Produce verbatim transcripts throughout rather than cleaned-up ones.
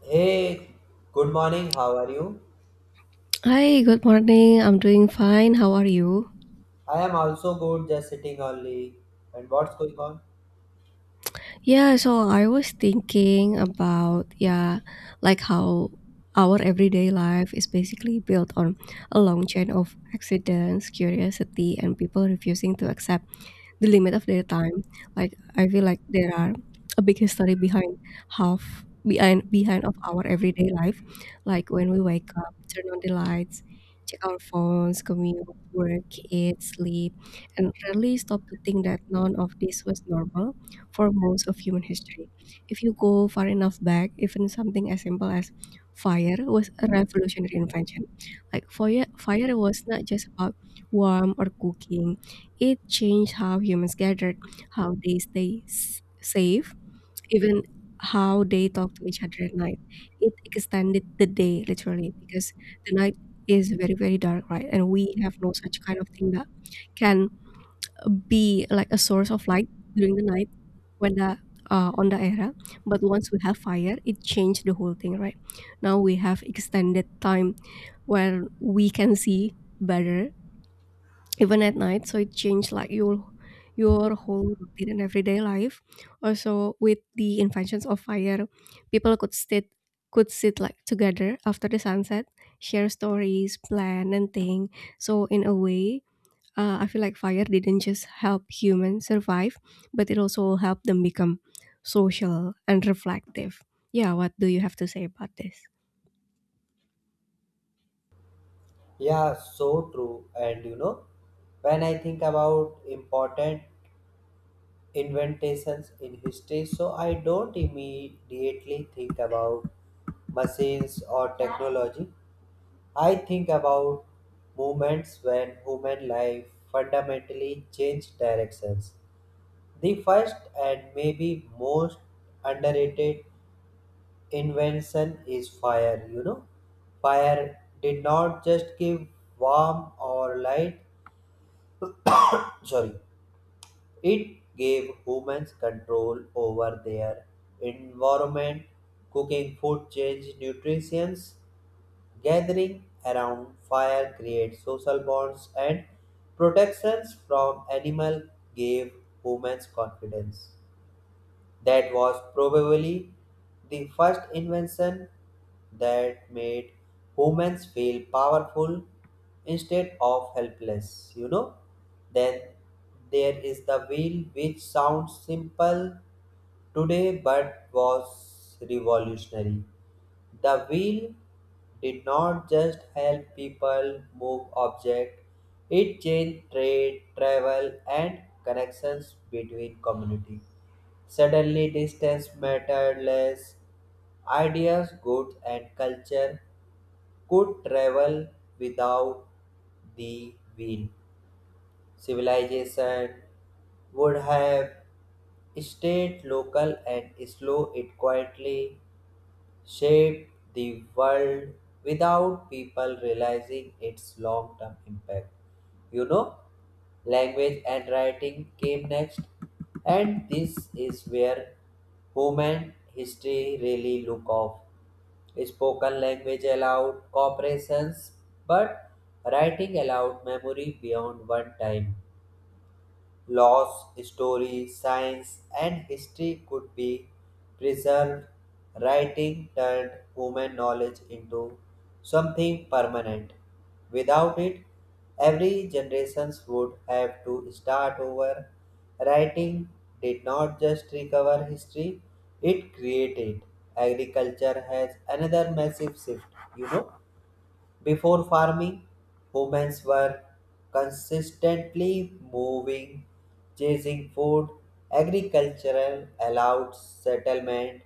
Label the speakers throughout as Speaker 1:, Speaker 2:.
Speaker 1: Hey, good morning. How are you?
Speaker 2: Hi, good morning. I'm doing fine. How are you?
Speaker 1: I am also good, just sitting only. And what's going on?
Speaker 2: Yeah, so I was thinking about, yeah, like how our everyday life is basically built on a long chain of accidents, curiosity, and people refusing to accept the limit of their time. Like I feel like there are a big history behind half behind behind of our everyday life. Like when we wake up, turn on the lights, check our phones, commute, work, eat, sleep, and rarely stop to think that none of this was normal for most of human history. If you go far enough back, even something as simple as fire was a revolutionary invention. Like fire, fire was not just about warmth or cooking. It changed how humans gathered, how they stay s- safe, even how they talk to each other at night. It extended the day literally because the night is very very dark, right? And we have no such kind of thing that can be like a source of light during the night when the uh, on the era. But once we have fire, it changed the whole thing, right? Now we have extended time where we can see better even at night, so it changed like your your whole routine and everyday life. Also, with the inventions of fire, people could sit could sit like together after the sunset, share stories, plan, and think. So in a way, uh, i feel like fire didn't just help humans survive, but it also helped them become social and reflective. Yeah, what do you have to say about this?
Speaker 1: Yeah, so true. And you know, when I think about important inventions in history, so I don't immediately think about machines or technology. I think about moments when human life fundamentally changed directions. The first and maybe most underrated invention is fire you know fire did not just give warmth or light sorry it gave humans control over their environment cooking food change nutritions gathering around fire creates social bonds and protections from animal gave humans confidence. That was probably the first invention that made humans feel powerful instead of helpless, you know. Then there is the wheel, which sounds simple today but was revolutionary. The wheel did not just help people move objects, it changed trade, travel, and connections between communities. Suddenly, distance mattered less. Ideas, goods, and culture could travel without the wheel. Civilization would have stayed local and slow it quietly shaped the world without people realizing its long term impact. You know, language and writing came next, and this is where human history really look off. Spoken language allowed corporations, but writing allowed memory beyond one time. Laws, story, science, and history could be preserved. Writing turned human knowledge into something permanent. Without it, every generation would have to start over. Writing did not just recover history, it created. Agriculture has another massive shift, you know. Before farming, women were consistently moving, chasing food. Agricultural allowed settlement.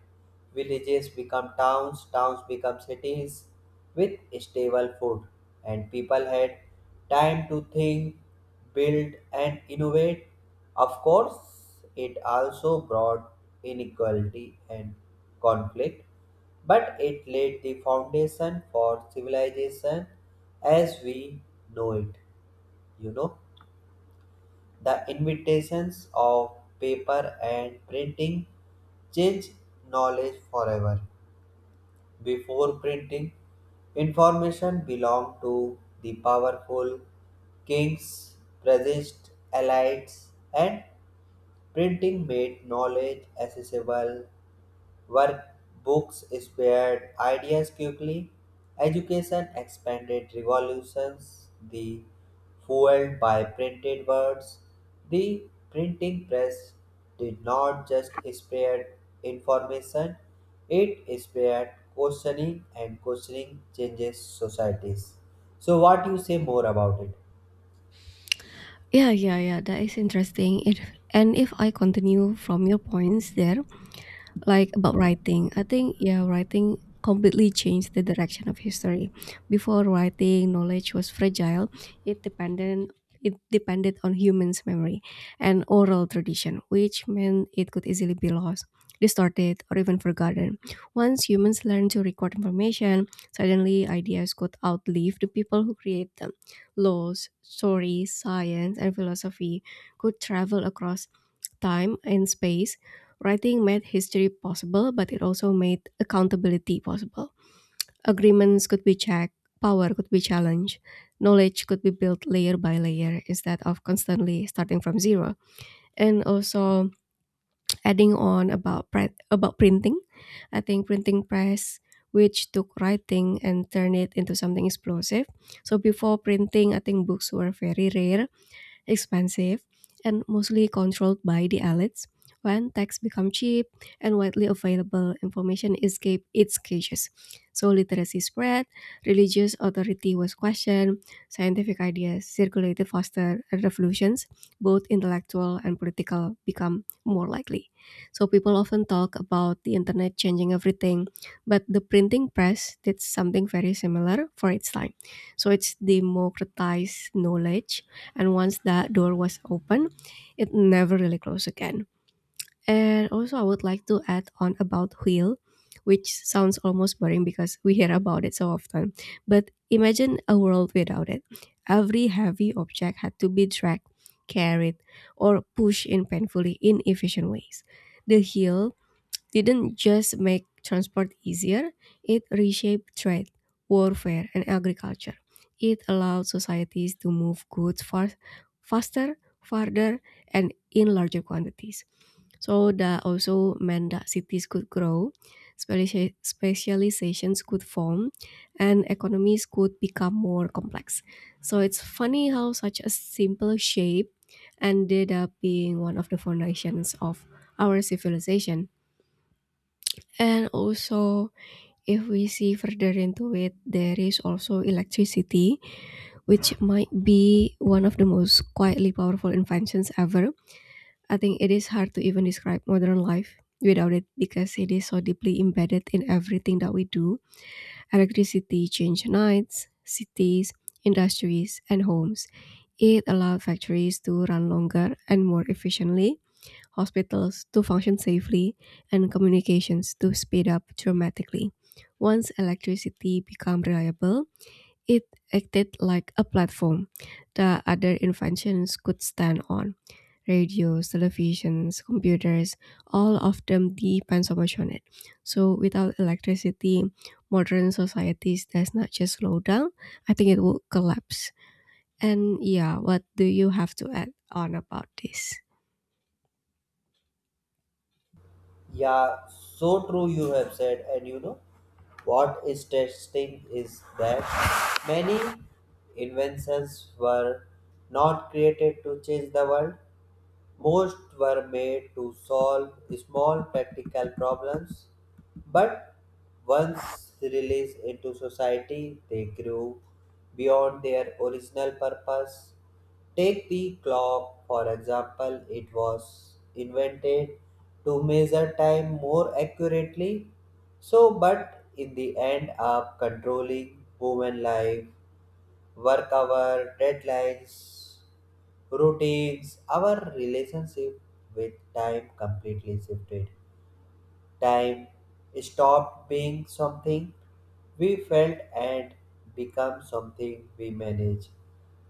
Speaker 1: Villages become towns, towns become cities with stable food. And people had time to think, build, and innovate. Of course, it also brought inequality and conflict but it laid the foundation for civilization as we know it. You know, the invitations of paper and printing changed knowledge forever. Before printing, information belonged to the powerful kings, prejudiced elites, and printing made knowledge accessible. Workbooks spared ideas quickly. Education expanded revolutions, the fueled by printed words. The printing press did not just spread information, it spread questioning and questioning changes societies. So what you say more about it?
Speaker 2: Yeah yeah yeah that is interesting it. And if I continue from your points there, like about writing, I think, yeah, writing completely changed the direction of history. Before writing, knowledge was fragile. It depended it depended on humans memory and oral tradition, which meant it could easily be lost, distorted, or even forgotten. Once humans learned to record information, suddenly ideas could outlive the people who create them. Laws, stories, science, and philosophy could travel across time and space. Writing made history possible, but it also made accountability possible. Agreements could be checked, power could be challenged, knowledge could be built layer by layer instead of constantly starting from zero. And also, adding on about pri- about printing, I think printing press, which took writing and turned it into something explosive. So before printing, I think books were very rare, expensive, and mostly controlled by the elites. When tech become cheap and widely available, information escape its cages. So literacy spread, religious authority was questioned, scientific ideas circulated faster, and revolutions, both intellectual and political, become more likely. So people often talk about the internet changing everything, but the printing press did something very similar for its time. So it's democratized knowledge, and once that door was open, it never really closed again. And also, I would like to add on about wheel, which sounds almost boring because we hear about it so often. But imagine a world without it. Every heavy object had to be dragged, carried, or pushed in painfully inefficient ways. The heel didn't just make transport easier, it reshaped trade, warfare, and agriculture. It allowed societies to move goods far, faster, farther, and in larger quantities. So that also meant that cities could grow, specia- specializations could form, and economies could become more complex. So it's funny how such a simple shape ended up being one of the foundations of our civilization. And also, if we see further into it, there is also electricity, which might be one of the most quietly powerful inventions ever. I think it is hard to even describe modern life without it because it is so deeply embedded in everything that we do. Electricity changed nights, cities, industries, and homes. It allowed factories to run longer and more efficiently, hospitals to function safely, and communications to speed up dramatically. Once electricity became reliable, it acted like a platform that other inventions could stand on. Radios, televisions, computers, all of them depends so much on it. So without electricity, modern societies does not just slow down, I think it will collapse. And yeah, what do you have to add on about this?
Speaker 1: Yeah, so true you have said. And you know what is testing is that many inventions were not created to change the world, most were made to solve small practical problems, but once released into society, they grew beyond their original purpose. Take the clock, for example, it was invented to measure time more accurately, so but in the end, up controlling human life work hour, deadlines, routines, our relationship with time completely shifted. Time stopped being something we felt and become something we manage.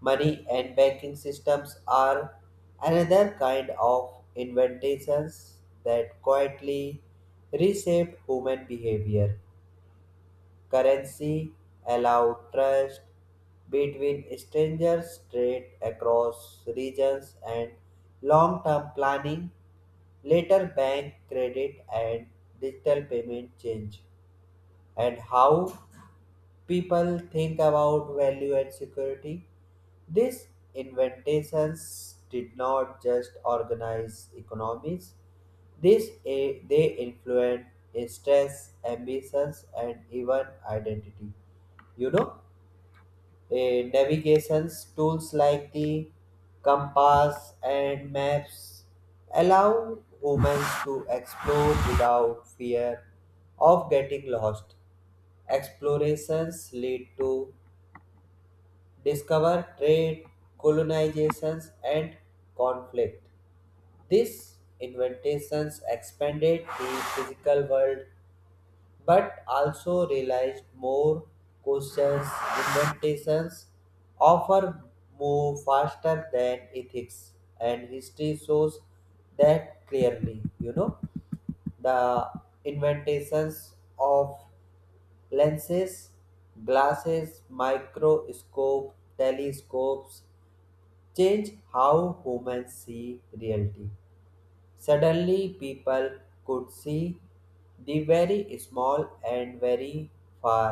Speaker 1: Money and banking systems are another kind of inventions that quietly reshape human behavior currency allow trust between strangers, trade across regions, and long term planning. Later, bank credit and digital payment change and how people think about value and security. These inventions did not just organize economies, this, eh, they influence stress, ambitions, and even identity. You know, eh, navigations tools like the compass and maps allow humans to explore without fear of getting lost. Explorations lead to discover trade, colonizations, and conflict. These inventions expanded the physical world but also realized more questions invitations offer move faster than ethics and history shows that clearly you know the inventations of lenses glasses microscope telescopes change how humans see reality. Suddenly people could see the very small and very far.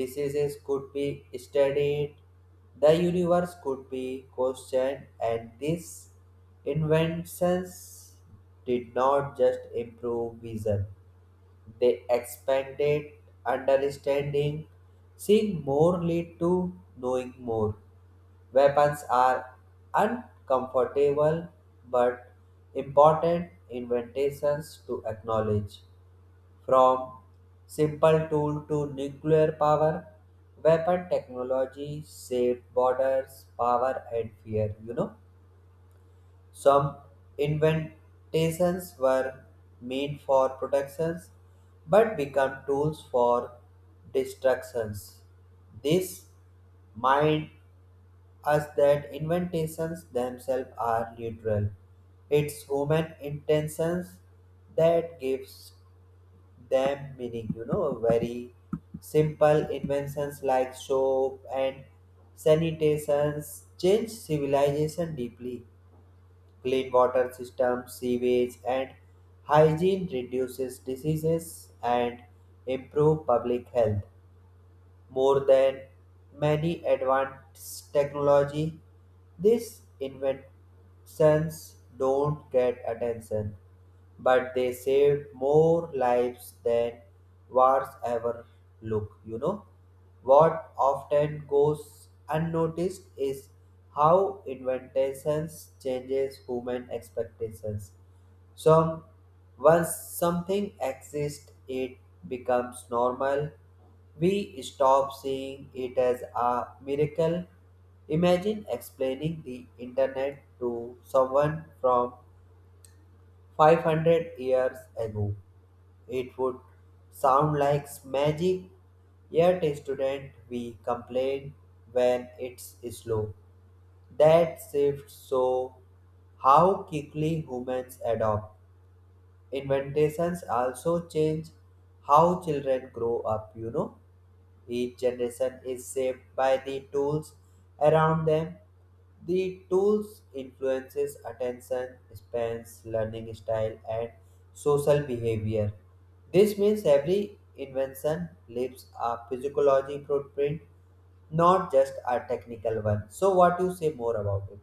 Speaker 1: Diseases could be studied, the universe could be questioned, and these inventions did not just improve vision, they expanded understanding. Seeing more lead to knowing more. Weapons are uncomfortable but important invitations to acknowledge. From simple tool to nuclear power, weapon technology saved borders, power and fear, you know. Some inventations were meant for protections but become tools for destructions. This mind as that inventions themselves are neutral. It's human intentions that gives them meaning, you know, very simple inventions like soap and sanitations change civilization deeply. Clean water systems, sewage and hygiene reduces diseases and improve public health more than many advanced technology. These inventions don't get attention, but they save more lives than wars ever look, you know. What often goes unnoticed is how inventions changes human expectations. Some once something exists, it becomes normal. We stop seeing it as a miracle. Imagine explaining the internet to someone from five hundred years ago. It would sound like magic, yet, student, we complain when it's slow. That shifts so how quickly humans adopt. Inventations also change how children grow up, you know. Each generation is shaped by the tools around them. The tools influences attention spans, learning style and social behavior. This means every invention leaves a physiology footprint, not just a technical one. So what you say more about it?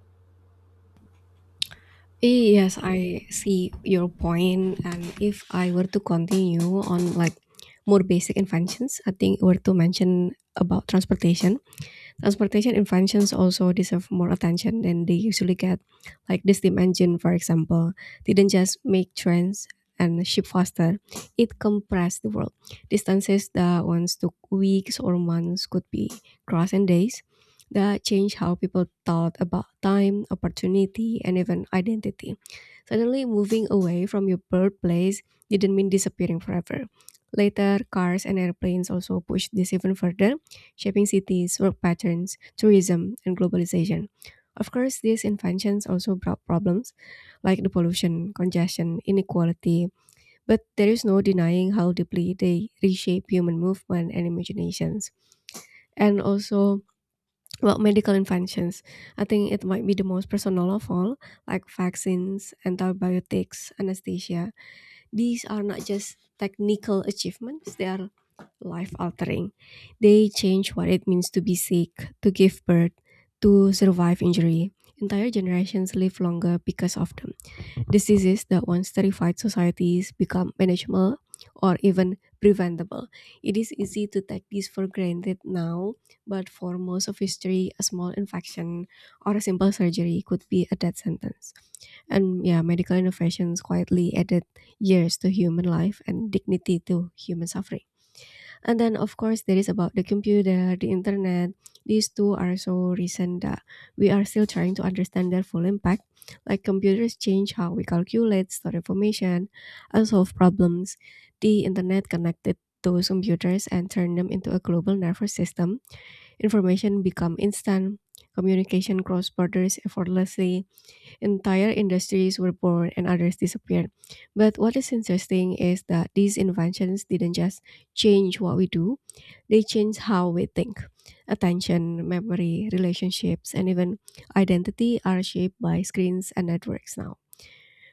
Speaker 2: Yes, I see your point. And if I were to continue on like more basic inventions, I think were to mention about transportation. Transportation inventions also deserve more attention than they usually get. Like this steam engine, for example, didn't just make trains and ship faster; it compressed the world. Distances that once took weeks or months could be crossed in days. That changed how people thought about time, opportunity, and even identity. Suddenly, moving away from your birthplace didn't mean disappearing forever. Later, cars and airplanes also pushed this even further, shaping cities, work patterns, tourism, and globalization. Of course, these inventions also brought problems like the pollution, congestion, inequality, but there is no denying how deeply they reshape human movement and imaginations. And also, well, medical inventions. I think it might be the most personal of all, like vaccines, antibiotics, anesthesia. These are not just technical achievements, they are life altering. They change what it means to be sick, to give birth, to survive injury. Entire generations live longer because of them. Diseases that once terrified societies become manageable or even preventable. It is easy to take this for granted now, but for most of history, a small infection or a simple surgery could be a death sentence. And yeah, medical innovations quietly added years to human life and dignity to human suffering. And then, of course, there is about the computer, the internet. These two are so recent that we are still trying to understand their full impact. Like computers change how we calculate, store information, and solve problems. The internet connected those computers and turned them into a global nervous system. Information become instant. Communication cross borders effortlessly. Entire industries were born and others disappeared. But what is interesting is that these inventions didn't just change what we do, they change how we think. Attention, memory, relationships, and even identity are shaped by screens and networks now.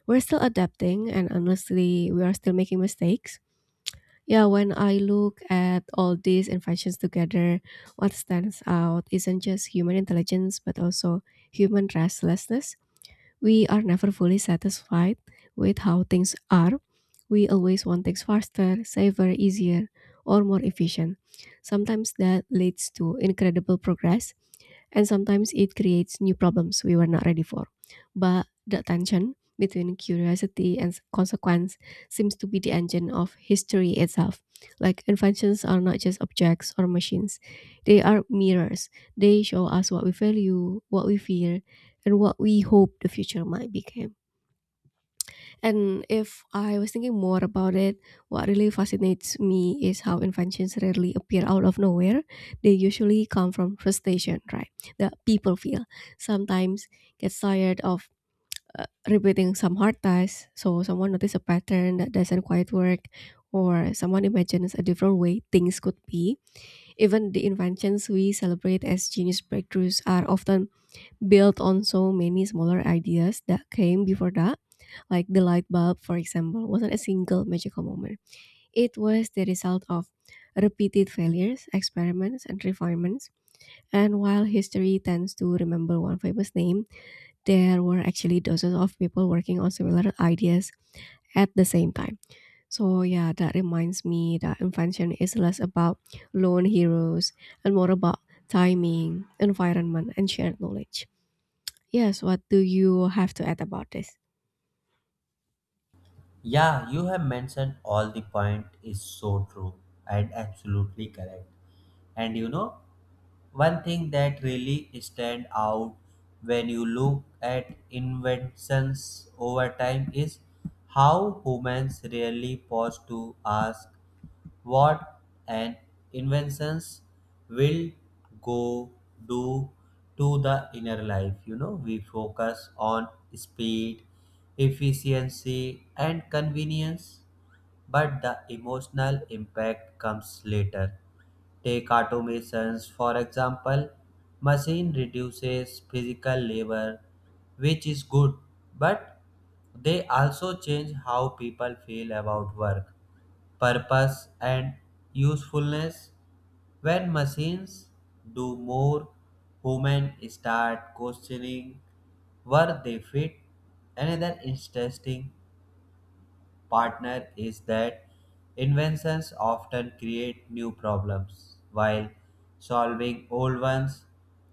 Speaker 2: We're still adapting, and honestly, we are still making mistakes. Yeah, when I look at all these inventions together, what stands out isn't just human intelligence, but also human restlessness. We are never fully satisfied with how things are. We always want things faster, safer, easier, or more efficient. Sometimes that leads to incredible progress, and sometimes it creates new problems we were not ready for. But the tension between curiosity and consequence seems to be the engine of history itself. Like inventions are not just objects or machines, they are mirrors. They show us what we value, what we fear, and what we hope the future might become. And if I was thinking more about it, what really fascinates me is how inventions rarely appear out of nowhere. They usually come from frustration, right? That people feel. Sometimes get tired of uh, repeating some hard tasks, so someone notices a pattern that doesn't quite work, or someone imagines a different way things could be. Even the inventions we celebrate as genius breakthroughs are often built on so many smaller ideas that came before that, like the light bulb, for example, wasn't a single magical moment. It was the result of repeated failures, experiments, and refinements. And while history tends to remember one famous name, there were actually dozens of people working on similar ideas at the same time. So, yeah, that reminds me that invention is less about lone heroes and more about timing, environment, and shared knowledge. Yes, what do you have to add about this?
Speaker 1: Yeah, you have mentioned all the point is so true and absolutely correct. And you know, one thing that really stand out when you look at inventions over time is how humans really pause to ask what an inventions will go do to the inner life. You know, we focus on speed, efficiency and convenience but the emotional impact comes later. Take automations, for example, machine reduces physical labor, which is good, but they also change how people feel about work, purpose, and usefulness. When machines do more, humans start questioning where they fit. Another interesting partner is that inventions often create new problems while solving old ones.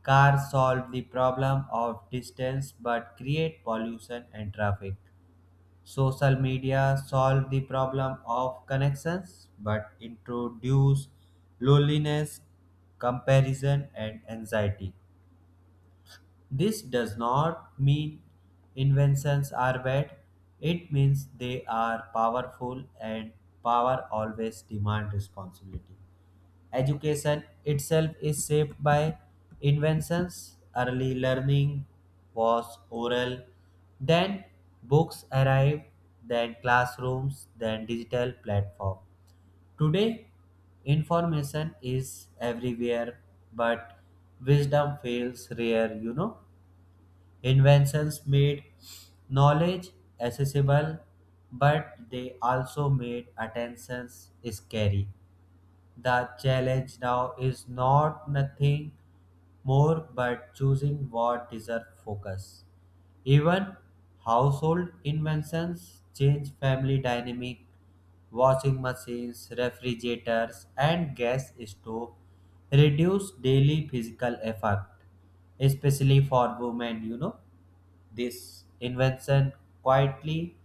Speaker 1: Cars solve the problem of distance but create pollution and traffic. Social media solve the problem of connections but introduce loneliness, comparison, and anxiety. This does not mean inventions are bad, it means they are powerful and power always demand responsibility. Education itself is shaped by inventions. Early learning was oral, then books arrived, then classrooms, then digital platform. Today information is everywhere but wisdom feels rare, you know. Inventions made knowledge accessible, but they also made attentions scary. The challenge now is not nothing more but choosing what deserve focus. Even household inventions change family dynamic. Washing machines, refrigerators, and gas stove reduce daily physical effort, especially for women, you know. This invention quietly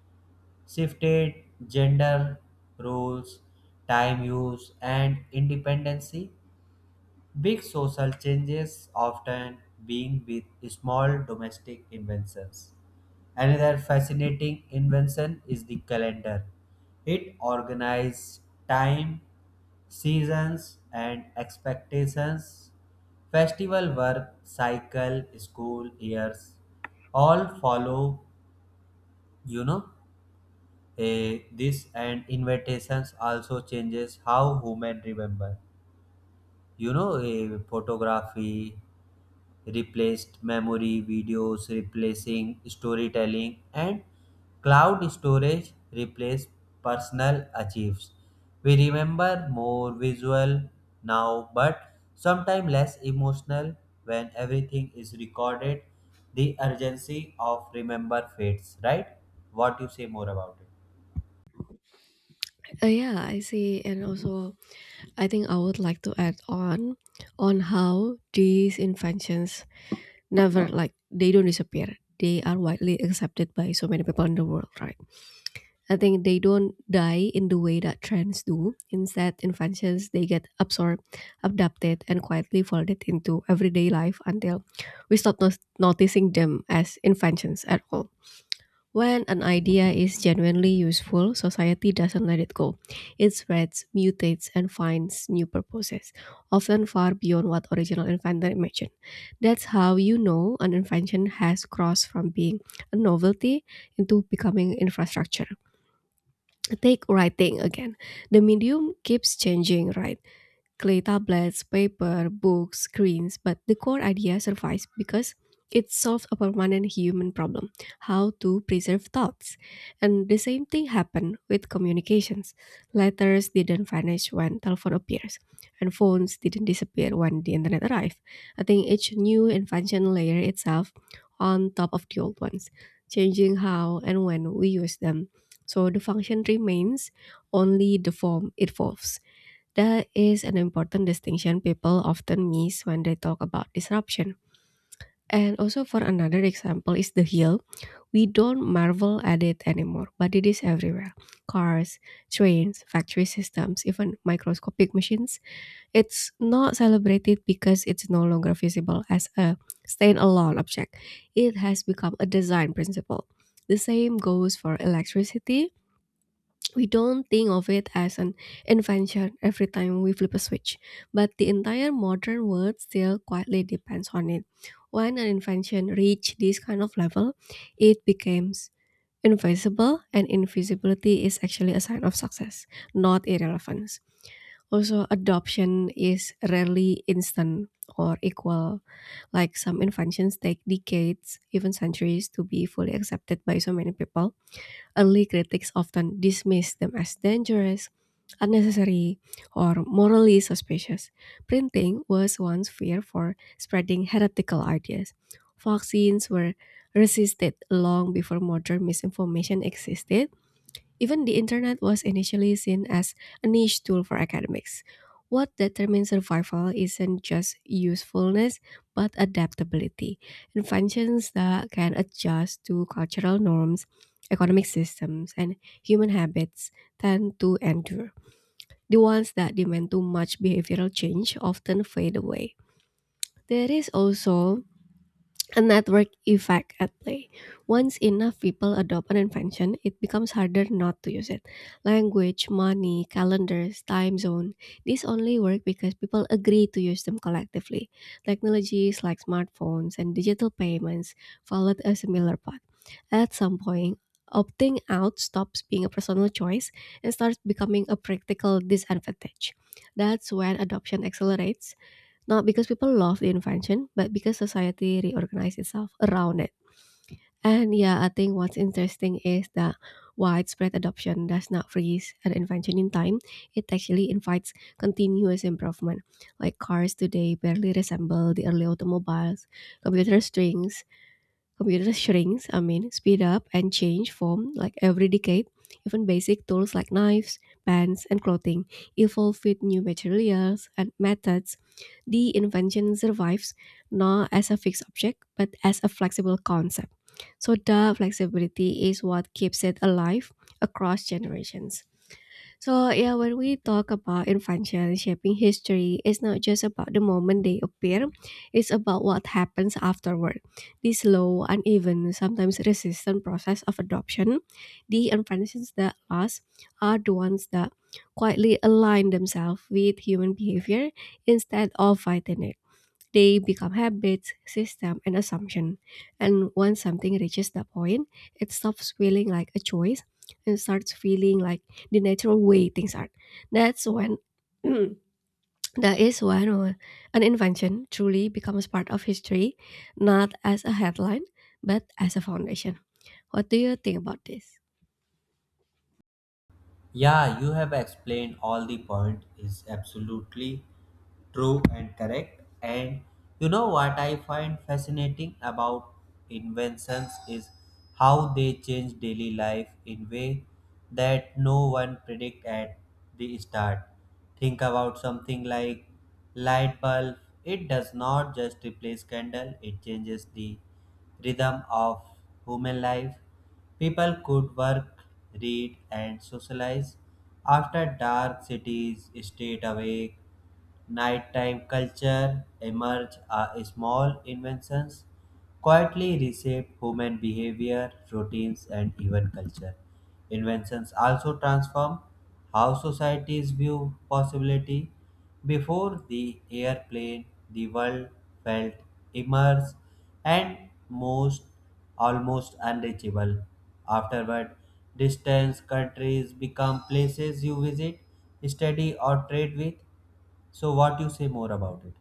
Speaker 1: shifted gender roles, time use, and independency. Big social changes often being with small domestic inventions. Another fascinating invention is the calendar. It organizes time, seasons, and expectations, festival work, cycle, school years, all follow you know eh, this and invitations also changes how women remember you know eh, photography replaced memory videos replacing storytelling and cloud storage replaced personal achieves we remember more visual now but sometimes less emotional when everything is recorded the urgency of remember fades right what you say more about it.
Speaker 2: Uh, yeah, I see. And also, I think I would like to add on on how these inventions never, like, they don't disappear. They are widely accepted by so many people in the world, right? I think they don't die in the way that trends do. Instead, inventions they get absorbed, adapted, and quietly folded into everyday life until we stop not- noticing them as inventions at all. When an idea is genuinely useful, society doesn't let it go. It spreads, mutates, and finds new purposes, often far beyond what original inventor imagined. That's how you know an invention has crossed from being a novelty into becoming infrastructure. Take writing again. The medium keeps changing, right? Clay tablets, paper, books, screens, but the core idea survives because it solves a permanent human problem, how to preserve thoughts. And the same thing happened with communications. Letters didn't vanish when telephone appears, and phones didn't disappear when the internet arrived. I think each new invention layer itself on top of the old ones, changing how and when we use them. So the function remains, only the form evolves. That is an important distinction people often miss when they talk about disruption. And also, for another example, is the hill. We don't marvel at it anymore, but it is everywhere: cars, trains, factory systems, even microscopic machines. It's not celebrated because it's no longer visible as a standalone object; it has become a design principle. The same goes for electricity. We don't think of it as an invention every time we flip a switch, but the entire modern world still quietly depends on it. When an invention reaches this kind of level, it becomes invisible, and invisibility is actually a sign of success, not irrelevance. Also, adoption is rarely instant or equal. Like, some inventions take decades, even centuries, to be fully accepted by so many people. Early critics often dismiss them as dangerous, unnecessary, or morally suspicious. Printing was once feared for spreading heretical ideas. Vaccines were resisted long before modern misinformation existed. Even the internet was initially seen as a niche tool for academics. What determines survival isn't just usefulness, but adaptability. Inventions that can adjust to cultural norms, economic systems, and human habits tend to endure. The ones that demand too much behavioral change often fade away. There is also a network effect at play. Once enough people adopt an invention, it becomes harder not to use it. Language, money, calendars, time zone. These only work because people agree to use them collectively. Technologies like smartphones and digital payments followed a similar path. At some point, opting out stops being a personal choice and starts becoming a practical disadvantage. That's when adoption accelerates, not because people love the invention, but because society reorganized itself around it. And yeah, I think what's interesting is that widespread adoption does not freeze an invention in time. It actually invites continuous improvement. Like, cars today barely resemble the early automobiles. computer strings Computers shrinks, I mean, speed up and change form like every decade. Even basic tools like knives, pens, and clothing evolve with new materials and methods. The invention survives not as a fixed object, but as a flexible concept. So the flexibility is what keeps it alive across generations. So yeah, when we talk about influential shaping history, it's not just about the moment they appear, it's about what happens afterward. The slow, uneven, sometimes resistant process of adoption, the influences that last are the ones that quietly align themselves with human behavior instead of fighting it. They become habits, system, and assumption. And once something reaches that point, it stops feeling like a choice and starts feeling like the natural way things are. That's when that is when uh, an invention truly becomes part of history, not as a headline, but as a foundation. What do you think about this?
Speaker 1: Yeah, you have explained all the point is absolutely true and correct. And you know what I find fascinating about inventions is how they change daily life in way that no one predict at the start. Think about something like light bulb. It does not just replace candle, it changes the rhythm of human life. People could work, read, and socialize. After dark, cities stayed awake. Nighttime culture emerged as small inventions, quietly reshaped human behavior, routines, and even culture. Inventions also transform how societies view possibility. Before the airplane, the world felt immersed and most almost unreachable. Afterward, distant countries become places you visit, study, or trade with. So, what you say more about it?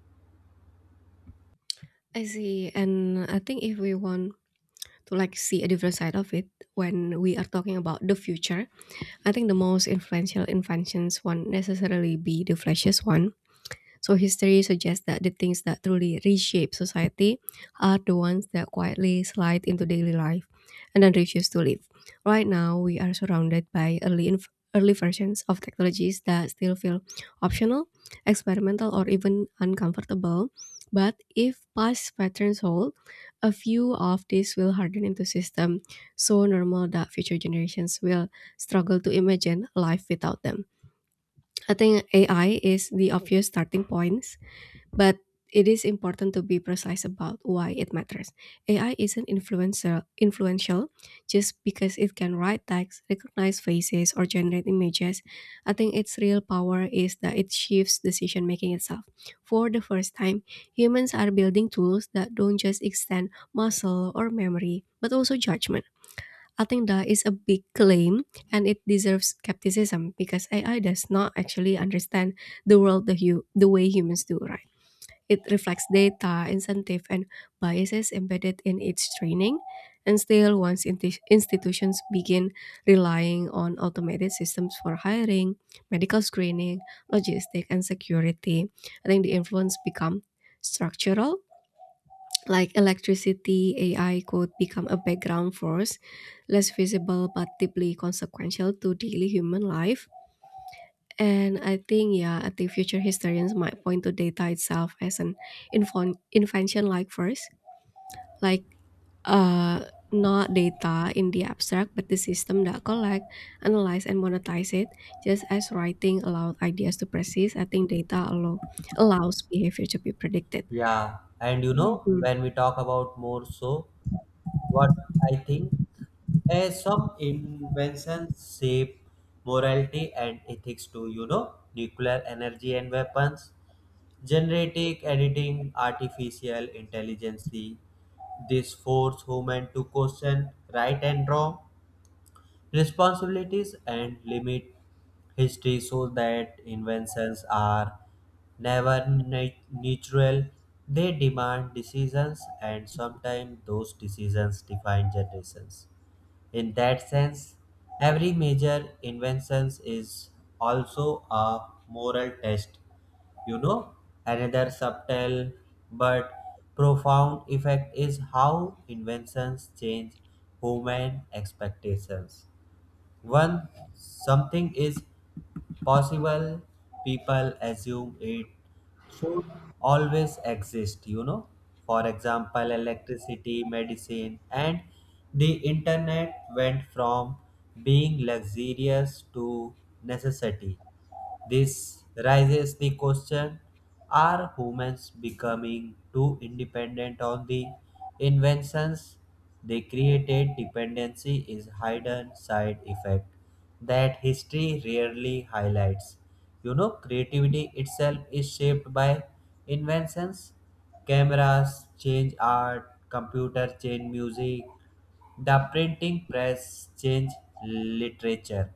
Speaker 2: I see, and I think if we want to, like, see a different side of it when we are talking about the future, I think the most influential inventions won't necessarily be the flashiest one. So history suggests that the things that truly reshape society are the ones that quietly slide into daily life and then refuse to leave. Right now, we are surrounded by early inf- early versions of technologies that still feel optional, experimental, or even uncomfortable. But if past patterns hold, a few of these will harden into system so normal that future generations will struggle to imagine life without them. I think A I is the obvious starting point, but it is important to be precise about why it matters. A I isn't influencer, influential just because it can write text, recognize faces, or generate images. I think its real power is that it shifts decision making itself. For the first time, humans are building tools that don't just extend muscle or memory, but also judgment. I think that is a big claim, and it deserves skepticism because A I does not actually understand the world the, hu- the way humans do, right? It reflects data, incentive, and biases embedded in its training. And still, once inti- institutions begin relying on automated systems for hiring, medical screening, logistics, and security, I think the influence become structural. Like electricity, A I could become a background force, less visible but deeply consequential to daily human life. And I think, yeah, I think future historians might point to data itself as an infon- invention like first, like uh, not data in the abstract, but the system that collect, analyze, and monetize it. Just as writing allowed ideas to persist, I think data allow- allows behavior to be predicted.
Speaker 1: Yeah, and you know,
Speaker 2: Mhm.
Speaker 1: when we talk about more so, what I think is some inventions shape morality and ethics too, you know, nuclear energy and weapons, generative editing, artificial intelligence, this force human to question right and wrong, responsibilities and limit history so that inventions are never nat- natural. They demand decisions and sometimes those decisions define generations. In that sense, every major invention is also a moral test. You know, another subtle but profound effect is how inventions change human expectations. When something is possible, people assume it should always exist, you know. For example, electricity, medicine, and the internet went from being luxurious to necessity. This raises the question are humans becoming too independent on the inventions they created? Dependency is hidden side effect that history rarely highlights. You know, creativity itself is shaped by inventions. Cameras change art, computers change music, the printing press changed literature.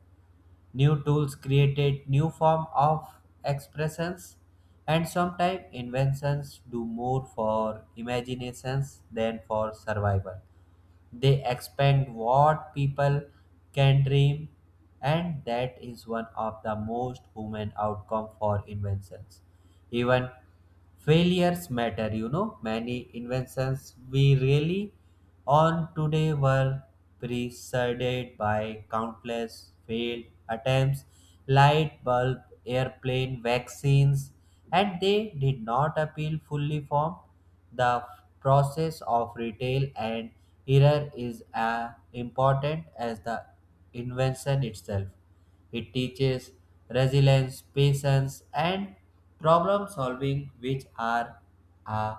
Speaker 1: New tools created new form of expressions and sometimes inventions do more for imaginations than for survival. They expand what people can dream and that is one of the most human outcome for inventions. Even failures matter, you know. Many inventions we really on today were preceded by countless failed attempts, light bulb, airplane, vaccines, and they did not appeal fully formed. The process of retail and error is as important as the invention itself. It teaches resilience, patience, and problem solving, which are a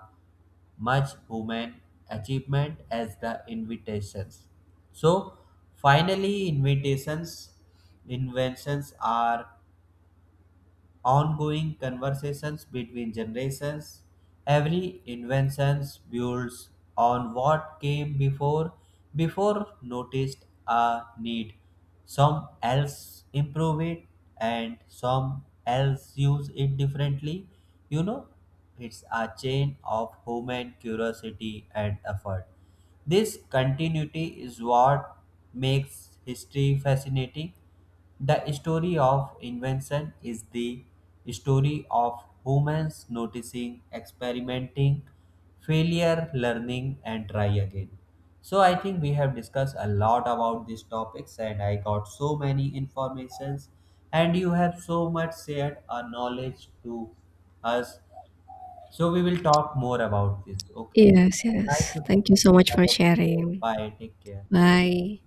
Speaker 1: much human achievement as the invitations. So, finally, invitations, inventions are ongoing conversations between generations. Every invention builds on what came before, before noticed a need. Some else improve it and some else use it differently. You know, it's a chain of human curiosity and effort. This continuity is what makes history fascinating. The story of invention is the story of humans noticing, experimenting, failure, learning, and try again. So I think we have discussed a lot about these topics, and I got so many informations, and you have so much shared a knowledge to us. So we will talk more about this. Okay.
Speaker 2: Yes,
Speaker 1: So nice
Speaker 2: yes.
Speaker 1: to talk
Speaker 2: Thank you so
Speaker 1: to you.
Speaker 2: much
Speaker 1: Have
Speaker 2: for
Speaker 1: a good day.
Speaker 2: sharing.
Speaker 1: Bye. Take care.
Speaker 2: Bye.